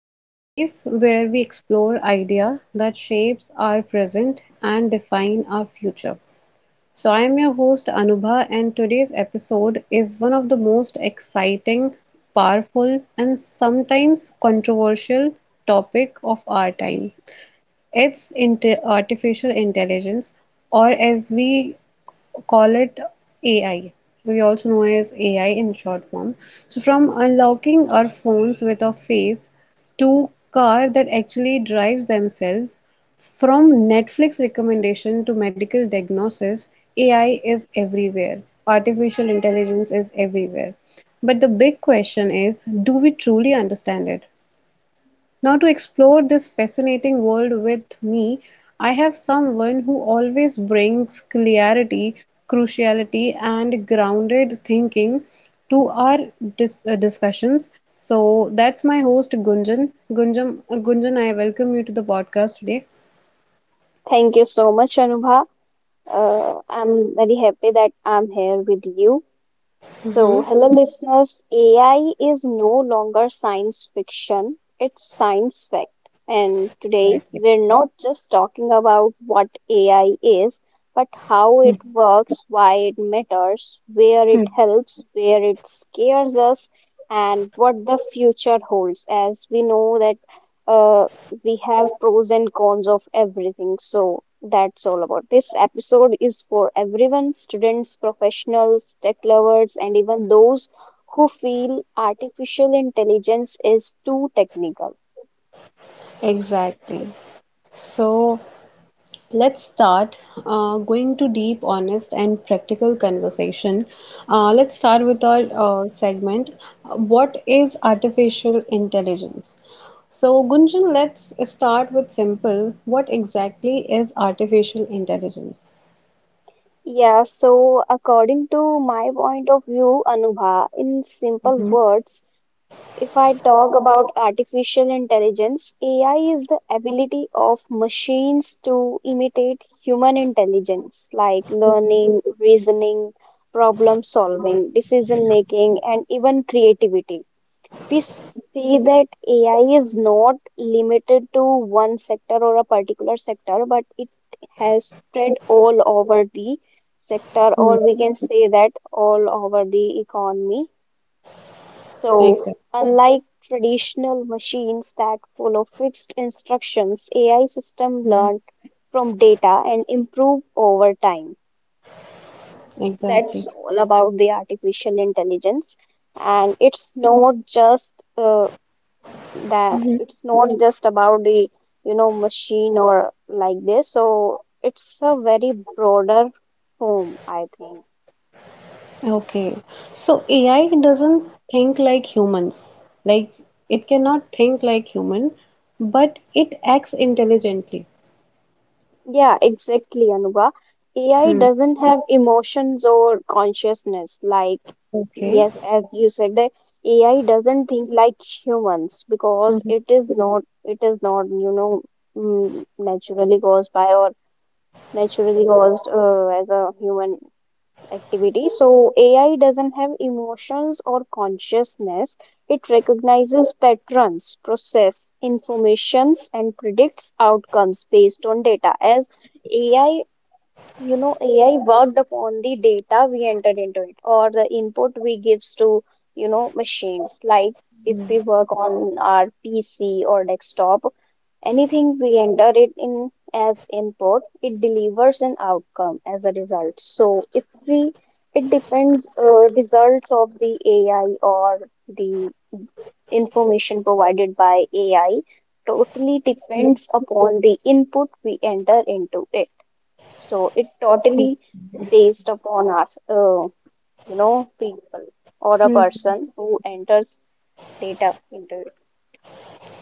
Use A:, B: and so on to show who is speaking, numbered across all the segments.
A: the space where we explore idea that shapes our present and define our future. So, I am your host Anubha, and today's episode is one of the most exciting, powerful, and sometimes controversial topic of our time. It's inte artificial intelligence, or as we call it AI. We also know as AI in short form. So from unlocking our phones with a face to car that actually drives themselves, from Netflix recommendation to medical diagnosis, AI is everywhere. Artificial intelligence is everywhere. But the big question is, do we truly understand it? Now, to explore this fascinating world with me, I have someone who always brings clarity, cruciality, and grounded thinking to our discussions. So that's my host Gunjan. Gunjan, I welcome you to the podcast today.
B: Thank you so much, Anubha. I'm very happy that I'm here with you. So, hello, listeners. AI is no longer science fiction, it's science fact. And today, we're not just talking about what AI is, but how it works, why it matters, where it helps, where it scares us, and what the future holds. As we know that uh, we have pros and cons of everything. So that's all about this episode is for everyone, students, professionals, tech lovers, and even those who feel artificial intelligence is too technical.
A: Exactly. So, let's start going to deep, honest, and practical conversation. Let's start with our segment. What is artificial intelligence? So, Gunjan, let's start with simple. What exactly is artificial intelligence?
B: Yeah, so according to my point of view, Anubha, in simple
A: Mhm,
B: words, if I talk about artificial intelligence, AI is the ability of machines to imitate human intelligence like
A: mhm,
B: learning, reasoning, problem solving, decision making, and even creativity. We see that AI is not limited to one sector or a particular sector, but it has spread all over the sector,
A: hmm,
B: or we can say that all over the economy. So,
A: exactly.
B: unlike traditional machines that follow fixed instructions, AI system
A: Mhm,
B: learn from data and improve over time. That's
A: exactly.
B: all about the artificial intelligence, and it's not just that
A: Mhm,
B: it's not just about the machine or like this. So it's a very broader home, I think.
A: okay. So AI doesn't think like humans. Like it cannot think like human, but it acts intelligently.
B: Yeah, exactly, Anuba. AI
A: Hmm.
B: doesn't have emotions or consciousness. Like,
A: Okay.
B: yes, as you said, that AI doesn't think like humans because
A: Mhm.
B: it is not, you know, mm, naturally caused by or naturally caused as a human activity. So AI doesn't have emotions or consciousness. It recognizes patterns, process informations, and predicts outcomes based on data. As AI ai worked upon the data we entered into it or the input we gives to machines. Like, if we work on our pc or desktop, anything we enter it in as input it delivers an outcome as a result. So if we it depends, results of the ai or the information provided by ai totally
A: Mhm.
B: depends upon the input we enter into it. So it totally based upon us, people or a person who enters data into it.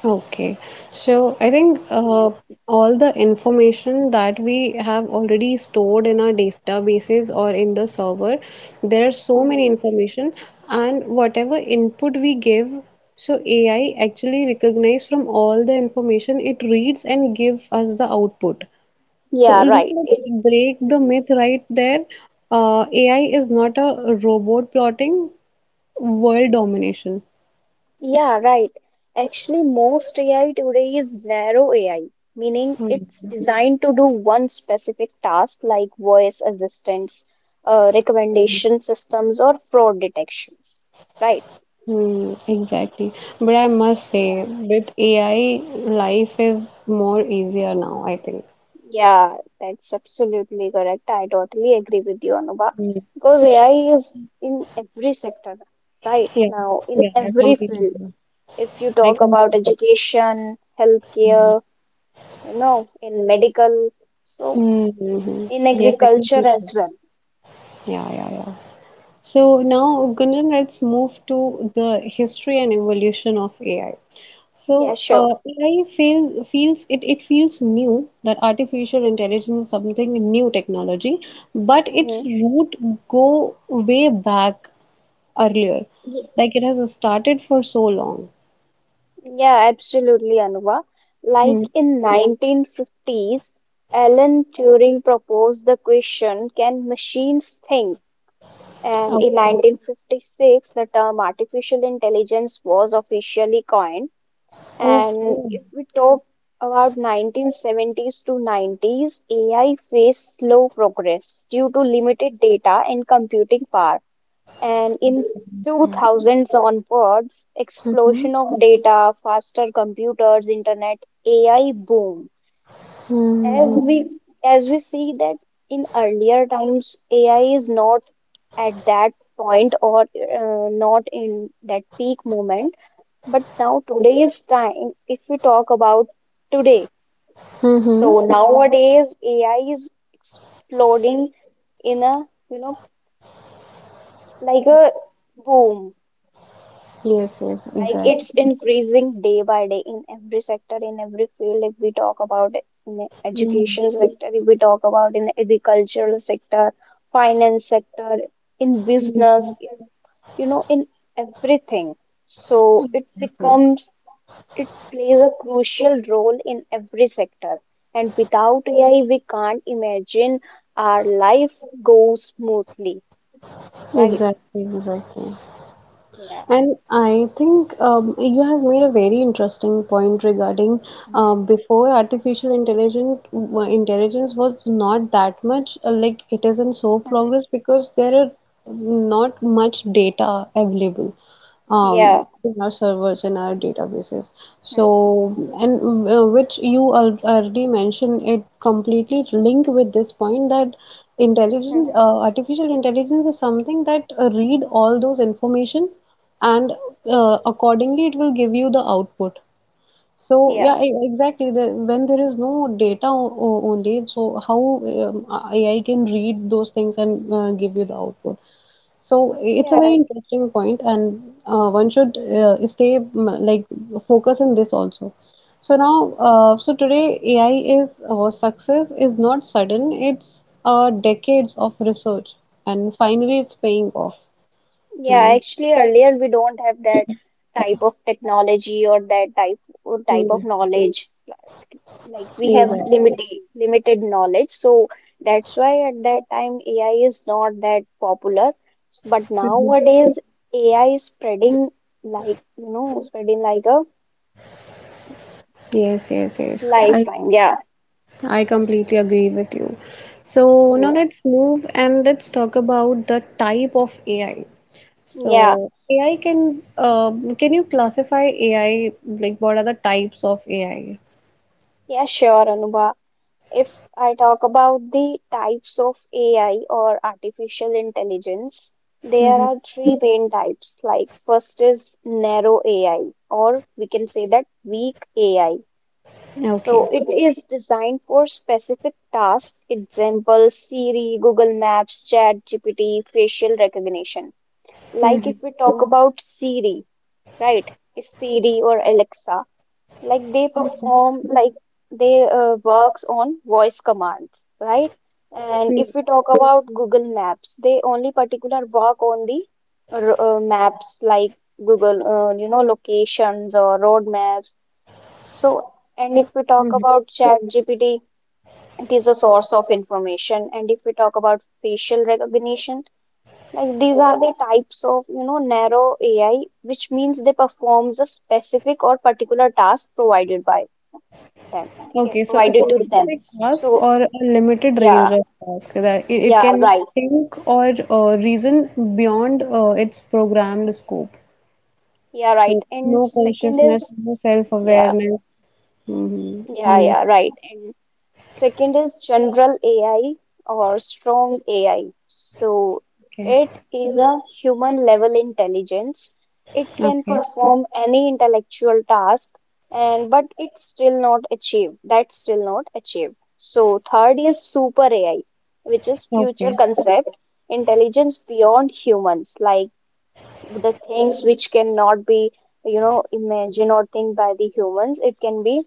A: Okay. So I think
B: Yeah.
A: all the information that we have already stored in our databases or in the server, there are so many
B: Mhm.
A: information and whatever input we give, so AI actually recognize from all the information it reads and give us the output. So
B: Yeah,
A: let's
B: right.
A: break the
B: Mhm.
A: myth right there. AI is not a robot plotting. World domination.
B: Yeah, right. Actually, most AI today is narrow AI, meaning
A: Hmm.
B: it's designed to do one specific task like voice assistance, recommendation systems, or fraud detections, right?
A: Hmm, exactly. But I must say, with AI, life is more easier now, I think.
B: Yeah, that's absolutely correct. I totally agree with you, Anuba.
A: Hmm.
B: Because AI is in every sector right
A: Yeah,
B: now, in
A: yeah, I
B: every
A: completely
B: field.
A: agree.
B: If you
A: I
B: talk about
A: completely agree.
B: education, healthcare, in medical, so
A: Mm-hmm.
B: in
A: Yes, I
B: agriculture
A: completely
B: as
A: agree.
B: well.
A: Yeah, yeah, yeah.
B: Hmm.
A: So now, Gunjan, let's move to the history and evolution of AI.
B: Yeah,
A: So
B: sure.
A: AI feel, feels it, it feels new that artificial intelligence is something new technology, but
B: Hmm.
A: its root go way back earlier.
B: Ye-
A: Like it has started for so long.
B: Yeah, absolutely, Anuba.
A: Hmm.
B: Like in 1950s, Alan Turing proposed the question, can machines think? And in
A: Okay.
B: 1956, the term artificial intelligence was officially coined. And
A: Okay.
B: if we talk about 1970s to 90s, AI faced slow progress due to limited data and computing power. And in 2000s onwards,
A: Mhm.
B: explosion of data, faster computers, internet, AI boom. As
A: Hmm.
B: we see that in earlier times, AI is not at that point or not in that peak moment. But now today's time, if we talk about today,
A: Hmm. Hmm.
B: so nowadays AI is exploding in a you know like a boom.
A: Yes, yes,
B: Like
A: exactly.
B: it's increasing day by day in every sector, in every field. If we talk about it in the
A: Hmm.
B: education sector, if we talk about in the agricultural sector, finance sector, in
A: Hmm.
B: business, in everything. So
A: Hmm.
B: it plays a crucial role in every sector. And without AI, we can't imagine our life goes smoothly, right?
A: Exactly, exactly.
B: Yeah.
A: And I think you have made a very interesting point regarding
B: Mhm.
A: before artificial intelligence was not that much like it isn't so progress because there are not much data available
B: Yeah.
A: in our servers in our databases so
B: Mhm.
A: and which you already mentioned it completely link with this point that
B: Mhm.
A: intelligence artificial intelligence is something that read all those information and accordingly it will give you the output. So
B: Yeah.
A: yeah, exactly. The, when there is no data only, so how um, AI can read those things and give you the output. So it's
B: Yeah,
A: a very
B: right.
A: interesting point, and one should stay like focus in this also. So now, so today AI is success is not sudden. It's decades of research, and finally it's paying off. You
B: Yeah,
A: know.
B: actually, earlier we don't have that type of technology or that type or type
A: Hmm.
B: of knowledge. Like we have
A: Exactly.
B: limited knowledge, so that's why at that time AI is not that popular. But
A: Mhm.
B: nowadays AI is spreading like spreading like a
A: Yes, yes, yes. I
B: lifeline. Yeah,
A: I completely agree with you. So now
B: yeah,
A: let's move and let's talk about the type of AI.
B: yeah,
A: So AI can you classify AI like what are the types of AI?
B: yeah. Sure, Anubha. If I talk about the types of AI or artificial intelligence, there
A: Hmm.
B: are three main types. Like, first is narrow AI, or we can say that weak AI.
A: Okay.
B: So, it is designed for specific tasks, example Siri, Google Maps, Chat GPT, facial recognition. Like,
A: Mm-hmm.
B: if we talk about Siri, right? Siri or Alexa, like they perform like they works on voice commands, right? And if we talk about google maps, they only particular work on the maps, like google locations or road maps. So, and if we talk
A: Mm-hmm.
B: about ChatGPT, it is a source of information. And if we talk about facial recognition, like these are the types of narrow ai, which means they performs a specific or particular task provided by that. Okay,
A: Okay, so a
B: provided to them.
A: specific task
B: So
A: or a limited range
B: yeah,
A: of task that it
B: yeah,
A: can
B: right,
A: think or reason beyond its programmed scope.
B: yeah, right.
A: So
B: And
A: no
B: second is.
A: consciousness, no
B: Yeah,
A: self-awareness. Mm-hmm.
B: yeah, yeah,
A: Understand.
B: right. And second is general AI or strong AI. So
A: Okay.
B: it is a human level intelligence. It can
A: Okay.
B: perform any intellectual task, and but it's still not achieved. That's still not achieved. So third is super AI, which is future
A: Okay.
B: concept intelligence beyond humans, like the things which cannot be imagined or think by the humans, it can be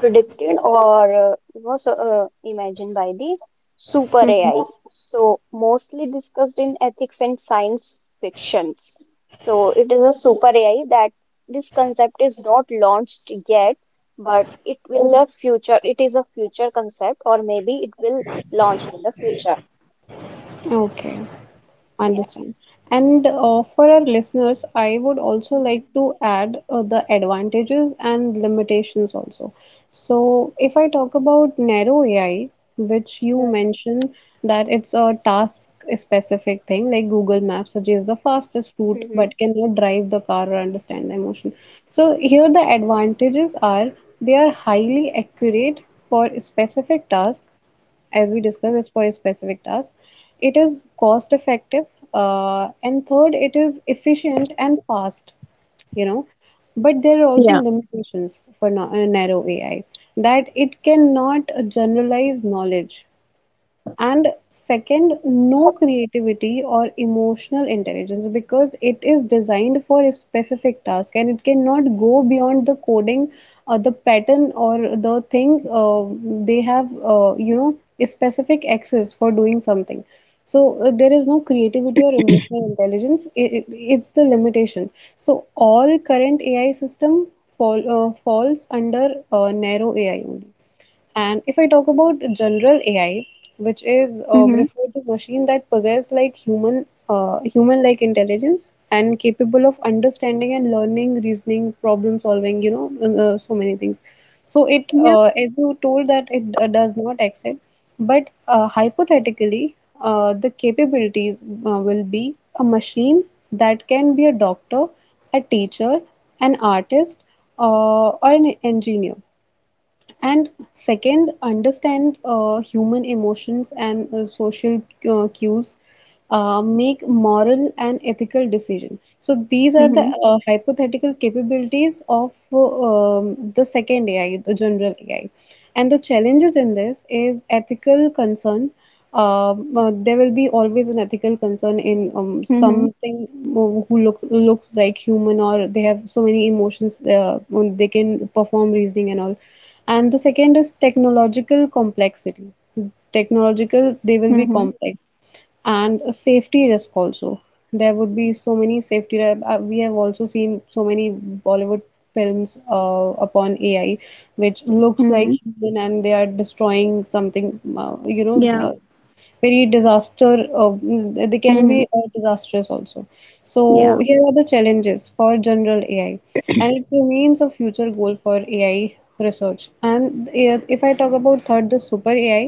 B: predicted, or imagined by the super
A: Mm-hmm.
B: ai. So mostly discussed in ethics and science fictions. So it is a super ai, that this concept is not launched yet, but it will the future, it is a future concept or maybe it will launch in the future.
A: Okay.
B: Yeah.
A: Understand. And for our listeners, I would also like
B: Mhm.
A: to add the advantages and limitations also. So, if I talk about narrow AI, which you mentioned that it's a task specific thing, like Google Maps suggests the fastest route but cannot drive the car or understand the emotion. So, here the advantages are they are highly accurate for specific tasks as we discussed, is for a specific task. It is cost effective, and third, it is efficient and fast, you know. But there are
B: Mhm.
A: also limitations for narrow AI, that it cannot generalize knowledge, and second, no creativity or emotional intelligence because it is designed for a specific task and it cannot go beyond the coding or the pattern or the thing they have you know a specific access for doing something. So there is no creativity or emotional intelligence. It's the limitation. So all current AI system falls under narrow AI only. And if I talk about general AI, which is
B: Mhm.
A: referred to machine that possess like human like intelligence and capable of understanding and learning reasoning problem solving, you know, and so many things. So it
B: Yep.
A: as you told that it does not accept, but hypothetically the capabilities will be a machine that can be a doctor, a teacher, an artist, or an engineer, and second, understand human emotions and social cues. Make moral and ethical decision. So these are the
B: Mhm.
A: hypothetical capabilities of the second AI, the general AI. And the challenges in this is ethical concern. There will be always an ethical concern in
B: Mhm.
A: something who who looks like human or they have so many emotions. They can perform reasoning and all, and the second is technological complexity. Technological, they will be
B: Mhm.
A: complex. And a safety risk also. There would be so many safety. We have also seen so many Bollywood films upon AI, which looks like
B: Mhm.
A: human and they are destroying something,
B: Yeah.
A: very disaster, they can
B: Mhm.
A: be disastrous also. So
B: Yeah.
A: here are the challenges for general AI, and it remains a future goal for AI research. And if I talk about third, the super AI,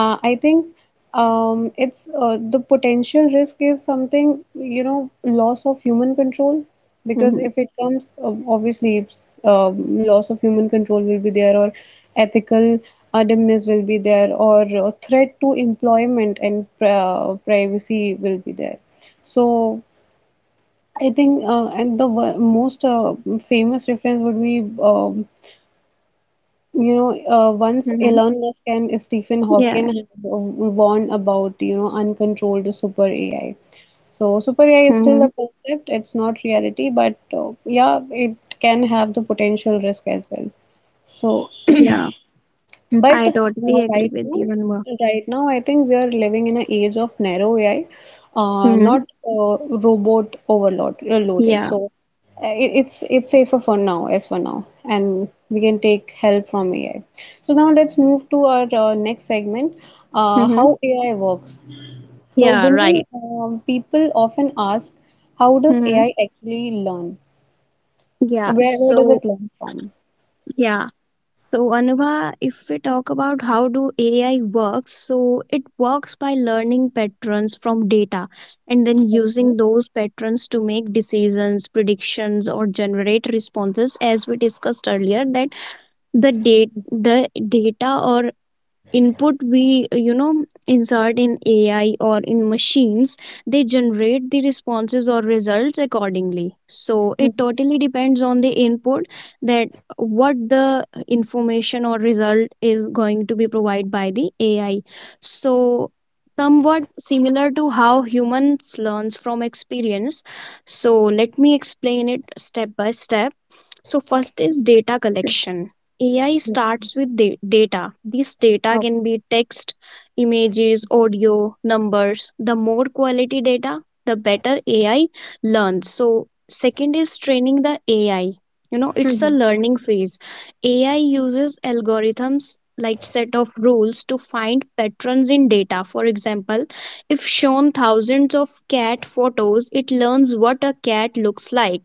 A: I think it's the potential risk is something, you know, loss of human control, because
B: Mhm.
A: if it comes, obviously, loss of human control will be there, or ethical dimness will be there, or threat to employment and privacy will be there. So I think, and the most famous reference would be once
B: Mhm.
A: Elon Musk and Stephen
B: Yeah.
A: Hawking have warned about, you know, uncontrolled super AI. So super AI is still a
B: Mhm.
A: concept, it's not reality, but yeah, it can have the potential risk as well. So
B: Yeah.
A: but
B: I
A: uh,
B: totally agree
A: right
B: with
A: now,
B: you, Anmol.
A: right now, I think we are living in an age of narrow AI,
B: Mhm.
A: not uh, robot overload loaded.
B: Yeah.
A: So it's safer for now, as for now, and we can take help from AI. So now let's move to our next segment,
B: Mhm.
A: how AI works. So
B: Yeah,
A: Gunjan,
B: right.
A: people often ask, how does
B: Mhm.
A: AI actually learn?
B: Yeah.
A: Where does it
B: So.
A: learn from?
B: Yeah. So, Anubha, if we talk about how do AI works, so it works by learning patterns from data and then
A: Okay.
B: using those patterns to make decisions, predictions, or generate responses. As we discussed earlier, that the data or input we insert in ai or in machines, they generate the responses or results accordingly, so
A: Mhm.
B: it totally depends on the input, that what the information or result is going to be provided by the ai. So somewhat similar to how humans learns from experience. So let me explain it step by step. So, first is data collection. AI starts with data. This data
A: Oh.
B: can be text, images, audio, numbers. The more quality data, the better AI learns. So, second is training the AI. You know, it's a
A: Mhm.
B: learning phase. AI uses algorithms like set of rules to find patterns in data. For example, if shown thousands of cat photos, it learns what a cat looks like.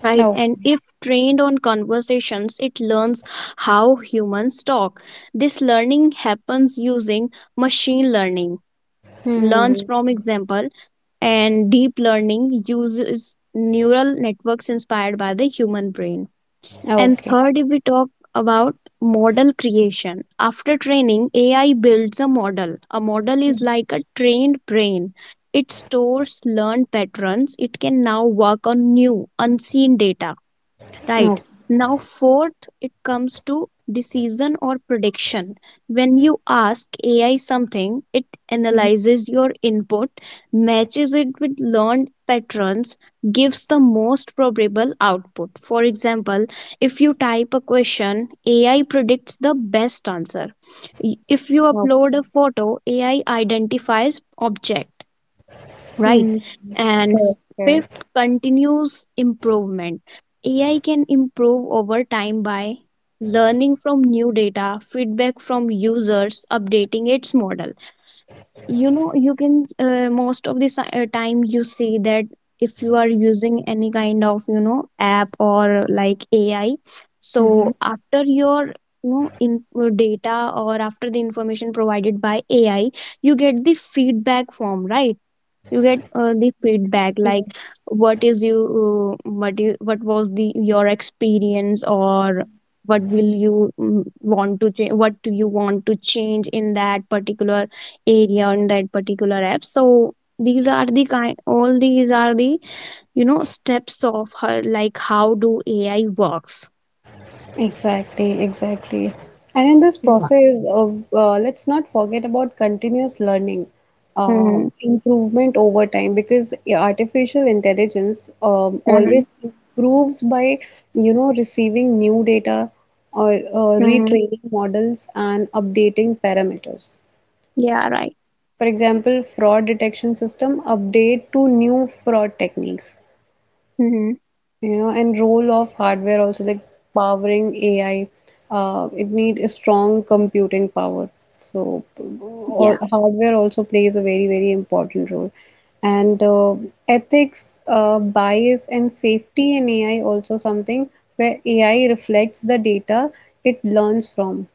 B: Right,
A: Oh.
B: and if trained on conversations, it learns how humans talk. This learning happens using machine learning, learns
A: Hmm.
B: from example, and deep learning uses neural networks inspired by the human brain. And
A: Okay.
B: third, if we talk about model creation, after training, AI builds a model. A model is like a trained brain. It stores learned patterns. It can now work on new, unseen data, right?
A: No.
B: Now fourth, it comes to decision or prediction. When you ask ai something, it
A: Mhm.
B: analyzes your input, matches it with learned patterns, gives the most probable output. For example, if you type a question, ai predicts the best answer. If you
A: No.
B: upload a photo, ai identifies object, right?
A: Mm,
B: And
A: correct,
B: fifth,
A: correct.
B: continuous improvement. Ai can improve over time by learning from new data, feedback from users, updating its model. You know, you can most of the time you see that if you are using any kind of app or like ai.
A: Hmm.
B: So after your you know in data, or after the information provided by ai, you get the feedback form, right? You get the feedback like,
A: Yes.
B: what is you what you, what was the your experience, or what will you want to change, in that particular area, in that particular app. So these are the kind, all these are the steps of her, like how do ai works.
A: Exactly, exactly. And in this
B: Yeah.
A: process of let's not forget about continuous learning,
B: Mm-hmm.
A: improvement over time, because artificial intelligence
B: Mm-hmm.
A: always improves by you know receiving new data or
B: Mm-hmm.
A: retraining models and updating parameters.
B: Yeah, right.
A: For example, fraud detection system update to new fraud techniques,
B: Mm-hmm.
A: you know, and role of hardware also, like powering AI, it need a strong computing power.
B: Yeah.
A: Hardware also plays a very very important role. And ethics bias and safety in AI also something where AI reflects the data it learns from: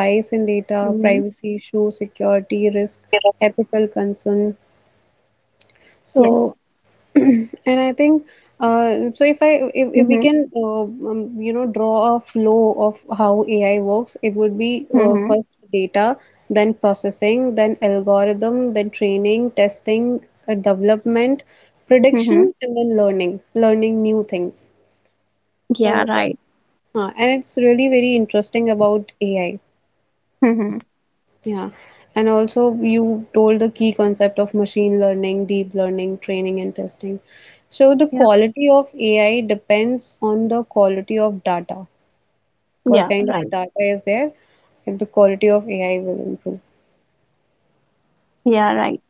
A: bias in data,
B: Mm-hmm.
A: privacy issue, security risk, ethical concern.
B: Yeah.
A: So and I think, uh, so if I if we
B: Mm-hmm.
A: can you know draw a flow of how AI works, it would be
B: Mm-hmm.
A: first data, then processing, then algorithm, then training, testing, development,
B: Mm-hmm.
A: prediction, and then learning, learning new things.
B: Yeah,
A: So that,
B: right.
A: and it's really very interesting about AI.
B: Mm-hmm.
A: Yeah, and also you told the key concept of machine learning, deep learning, training, and testing. So the
B: Yeah.
A: quality of AI depends on the quality of data. What
B: Yeah,
A: kind of
B: right.
A: data is there? If the quality of AI will improve.
B: Yeah, right.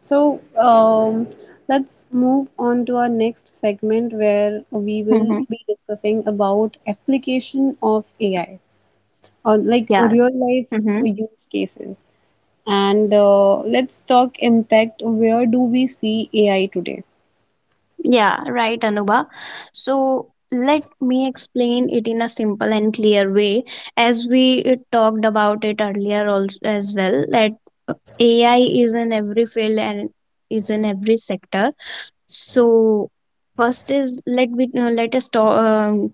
A: So let's move on to our next segment where we will
B: Mm-hmm.
A: be discussing about application of AI or like
B: Yeah.
A: real life
B: Mm-hmm.
A: use cases. And let's talk impact. Where do we see AI today?
B: Yeah, right, Anuba. So let me explain it in a simple and clear way, as we talked about it earlier also, as well, that uh, AI is in every field and is in every sector. So first is, let us talk.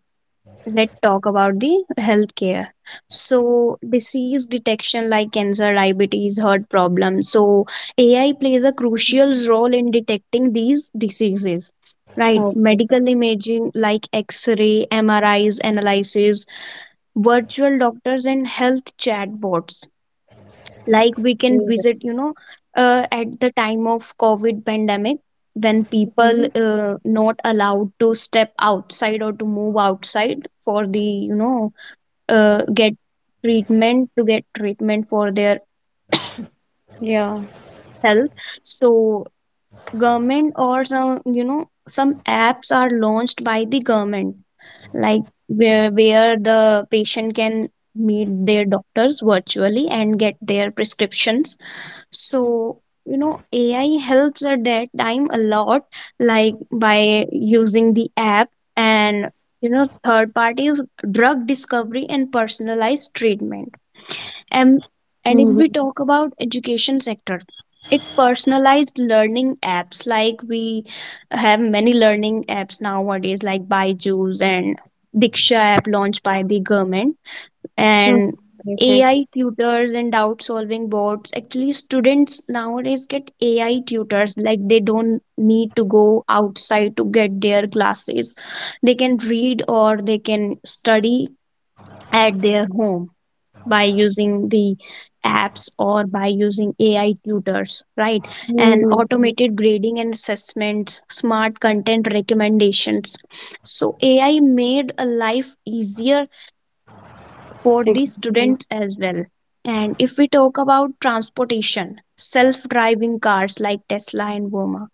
B: Let's talk about the healthcare. So disease detection like cancer, diabetes, heart problems. So AI plays a crucial role in detecting these diseases, right?
A: Okay,
B: Medical imaging like x-ray, MRIs analysis, virtual doctors and health chatbots, like we can
A: amazing.
B: visit, at the time of COVID pandemic, when people
A: Mhm.
B: not allowed to step outside or to move outside for the you know get treatment to get treatment for their
A: Yeah.
B: health. So government or some some apps are launched by the government, like where the patient can meet their doctors virtually and get their prescriptions. So you know, AI helps at that time a lot, like by using the app and you know, third parties, drug discovery and personalized treatment. And and if
A: Hmm.
B: we talk about education sector, it personalized learning apps, like we have many learning apps nowadays like Byju's and Diksha app launched by the government. And
A: Yes, yes.
B: AI tutors and doubt solving bots. Actually, students nowadays get AI tutors, like they don't need to go outside to get their classes. They can read or they can study at their home by using the apps or by using AI tutors, right? And
A: Hmm.
B: automated grading and assessments, smart content recommendations. So AI made a life easier for the
A: Exactly.
B: students as well. And if we talk about transportation, self driving cars like Tesla and Woma.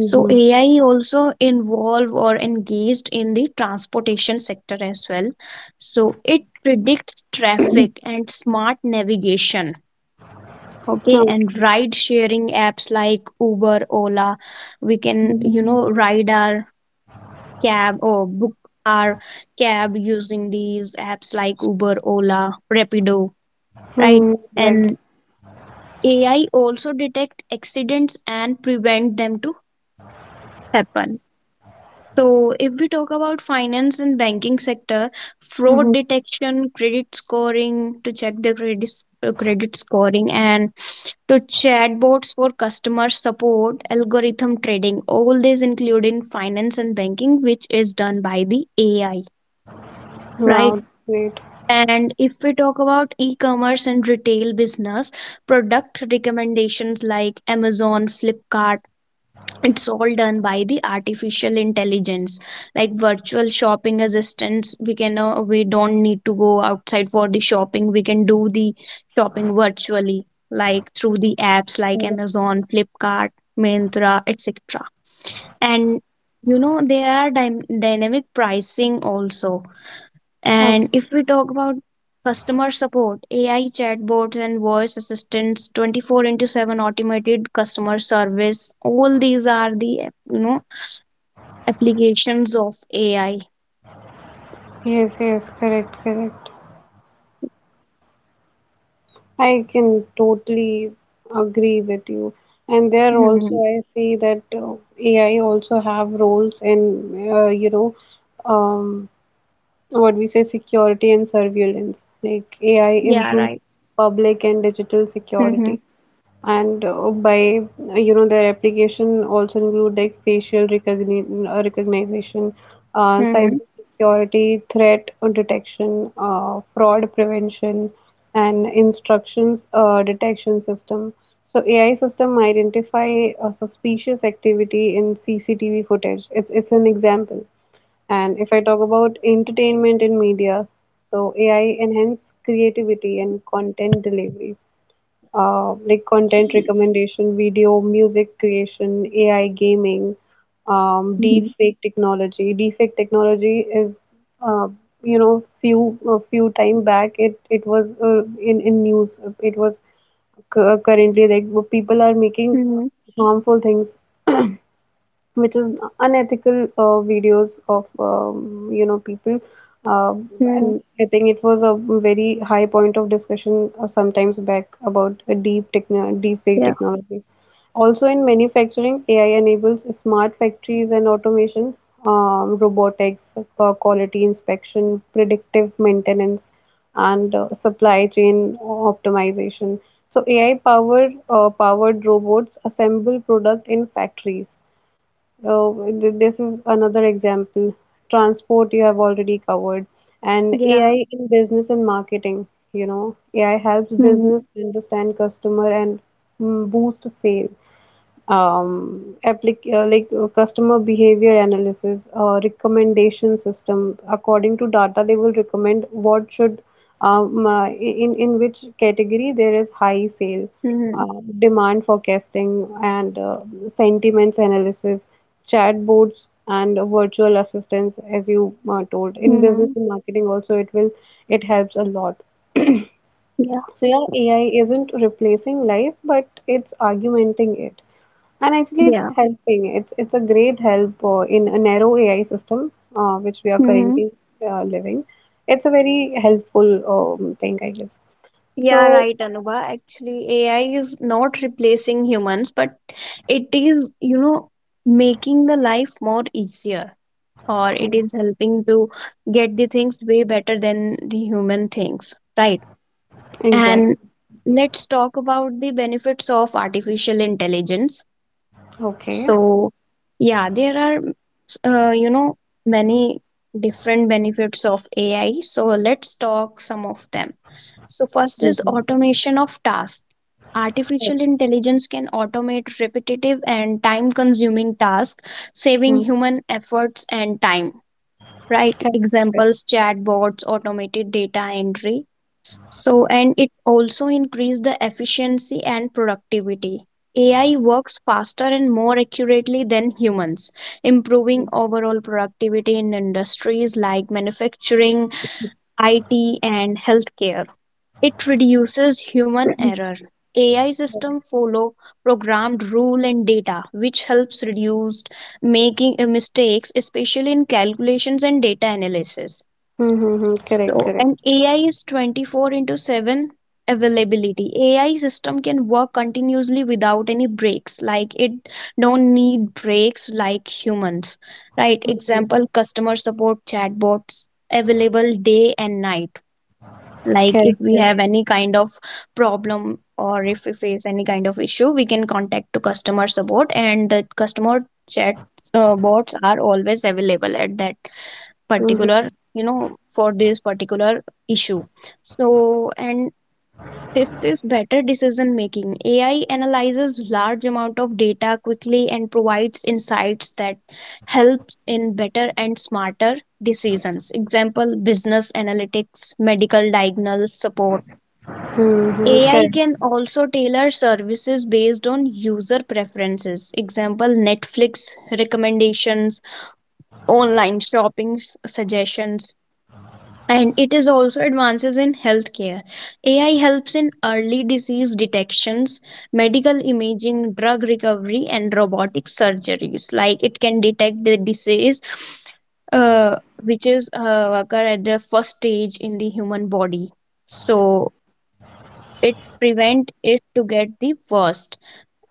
B: So AI also involved or engaged in the transportation sector as well. So it predicts traffic and smart navigation. Okay,
A: Okay.
B: and ride sharing apps like Uber, Ola, we can, you know, ride our cab or book our cab using these apps like Uber, Ola, Rapido, right?
A: Mm-hmm. Right.
B: And AI also detect accidents and prevent them to happen. So if we talk about finance and banking sector, fraud detection, credit scoring to check the credit scoring and to chatbots for customer support, algorithm trading, all this include in finance and banking, which is done by the AI, right?
A: Wow, great.
B: And if we talk about e commerce and retail business, product recommendations like Amazon, Flipkart, it's all done by the artificial intelligence. Like virtual shopping assistants, we don't need to go outside for the shopping. We can do the shopping virtually, like through the apps like
A: Correct.
B: Amazon, Flipkart, Myntra, etc. And you know, there are dynamic pricing also.
A: Okay.
B: And if we talk about customer support, AI chatbots and voice assistants, 24 into 7 automated customer service, all these are the, you know, applications of AI.
A: Yes, yes, correct, correct. I can totally agree with you. And there
B: Hmm.
A: also I see that AI also have roles in um, what we say security and surveillance, like AI
B: Yeah,
A: improve
B: right.
A: public and digital
B: Mm-hmm.
A: security and by you know their application also include like recognition,
B: Mm-hmm.
A: cyber security, threat detection, fraud prevention, and instructions detection system. So AI system identify a suspicious activity in CCTV footage. It's an example. And if I talk about entertainment in media, so AI enhance creativity and content delivery, like content recommendation, video, music creation, AI gaming,
B: Mm-hmm.
A: deepfake technology. Deepfake technology is, uh, few a few time back it was in news. It was currently like people are making
B: Mm-hmm.
A: harmful things which is unethical videos of you know people. Um
B: Mm-hmm.
A: and I think it was a very high point of discussion sometimes back about a deep fake
B: Yeah.
A: technology. Also in manufacturing, AI enables smart factories and automation, robotics, quality inspection, predictive maintenance, and supply chain optimization. So AI powered robots assemble product in factories. Oh, this is another example. Transport you have already covered, and
B: Yeah.
A: AI in business and marketing. You know, AI helps
B: Mm-hmm.
A: business understand customer and boost sales, like customer behavior analysis, recommendation system: according to data they will recommend what should in which category there is high sale,
B: Mm-hmm.
A: uh, demand forecasting, and sentiments analysis, chatbots and virtual assistants. As you told, in business
B: Mm-hmm.
A: and marketing also it helps a lot.
B: Yeah.
A: So yeah, AI isn't replacing life but it's augmenting it, and actually, it's
B: Yeah.
A: helping. It's a great help in a narrow AI system which we are
B: Mm-hmm.
A: currently living. It's a very helpful thing, I guess.
B: Yeah,
A: So,
B: right, Anuba. Actually, AI is not replacing humans, but it is, you know, making the life more easier, or it is helping to get the things way better than the human things, right? And
A: exactly.
B: let's talk about the benefits of artificial intelligence.
A: Okay.
B: So, yeah, there are, you know, many different benefits of AI. So, let's talk some of them. So, first is
A: Mm-hmm.
B: automation of tasks. Artificial intelligence can automate repetitive and time consuming tasks, saving
A: Mm-hmm.
B: human efforts and time, right?
A: Correct. Correct.
B: Examples chatbots, automated data entry. So, and it also increase the efficiency and productivity. AI works faster and more accurately than humans, improving overall productivity in industries like manufacturing, IT, and healthcare. It reduces human error. AI system follow programmed rule and data, which helps reduce making mistakes, especially in calculations and data analysis.
A: Mm-hmm. Correct.
B: So,
A: Correct.
B: an AI is 24 into 7 availability. AI system can work continuously without any breaks, like it don't need breaks like humans. Right?
A: Mm-hmm.
B: Example: customer support chatbots available day and night, like if
A: Correct.
B: we
A: Correct.
B: have any kind of problem or if we face any kind of issue, we can contact to customer support and the customer chat bots are always available at that particular,
A: Mm-hmm.
B: you know, for this particular issue. So, and this is better decision making. AI analyzes large amount of data quickly and provides insights that helps in better and smarter decisions. Example, business analytics, medical diagnostic support.
A: Mm-hmm.
B: AI
A: Correct.
B: can also tailor services based on user preferences. Example Netflix recommendations, online shopping suggestions. And it is also advances in healthcare. AI helps in early disease detections, medical imaging, drug recovery, and robotic surgeries. Like it can detect the disease uh, which is occur at the first stage in the human body. So it prevent it to get the worst.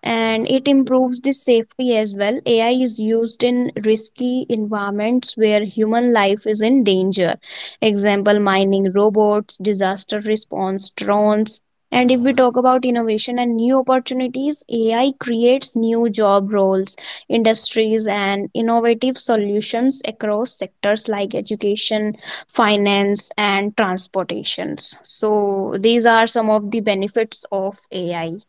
B: And it improves the safety as well. AI is used in risky environments where human life is in danger. Example mining robots, disaster response drones. And if we talk about innovation and new opportunities, AI creates new job roles, industries and innovative solutions across sectors like education, finance and transportations. So these are some of the benefits of AI.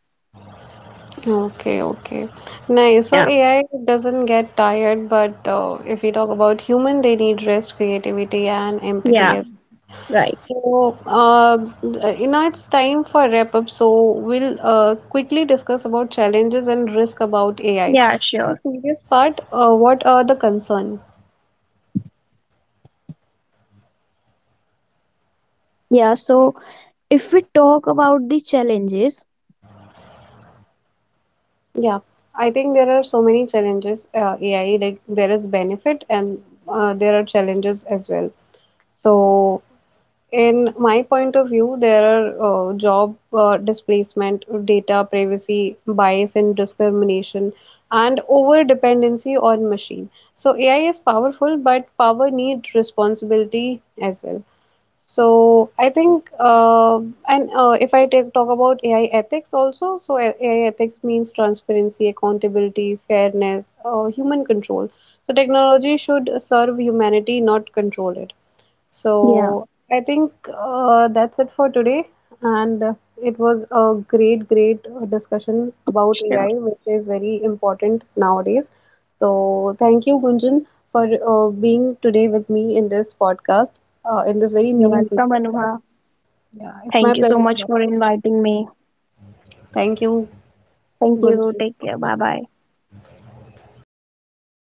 A: Okay, okay. Nice. So
B: Yeah,
A: AI doesn't get tired, but if we talk about human, they need rest, creativity, and
B: yeah,
A: empathy as.
B: right.
A: So, you know, it's time for wrap up. So, we'll quickly discuss about challenges and risk about AI.
B: Yeah,
A: The
B: sure.
A: serious part, what are the concern?
B: Yeah, so if we talk about the challenges.
A: Yeah, I think there are so many challenges. AI, like there is benefit and there are challenges as well. So, in my point of view, there are job displacement, data privacy, bias and discrimination, and over dependency on machine. So AI is powerful, but power needs responsibility as well. So I think, and if talk about AI ethics also, so AI ethics means transparency, accountability, fairness, human control. So technology should serve humanity, not control it.
B: Yeah,
A: So I think that's it for today. And it was a great discussion about
B: sure.
A: AI, which is very important nowadays. So thank you, Gunjan, for being today with me in this podcast, in this very
B: You're
A: meaningful
B: welcome,
A: podcast.
B: Anubha.
A: Yeah, it's my
B: Thank you so
A: pleasure.
B: much for inviting me.
A: Thank you,
B: Thank you.
A: Gunjan.
B: Take care. Bye bye.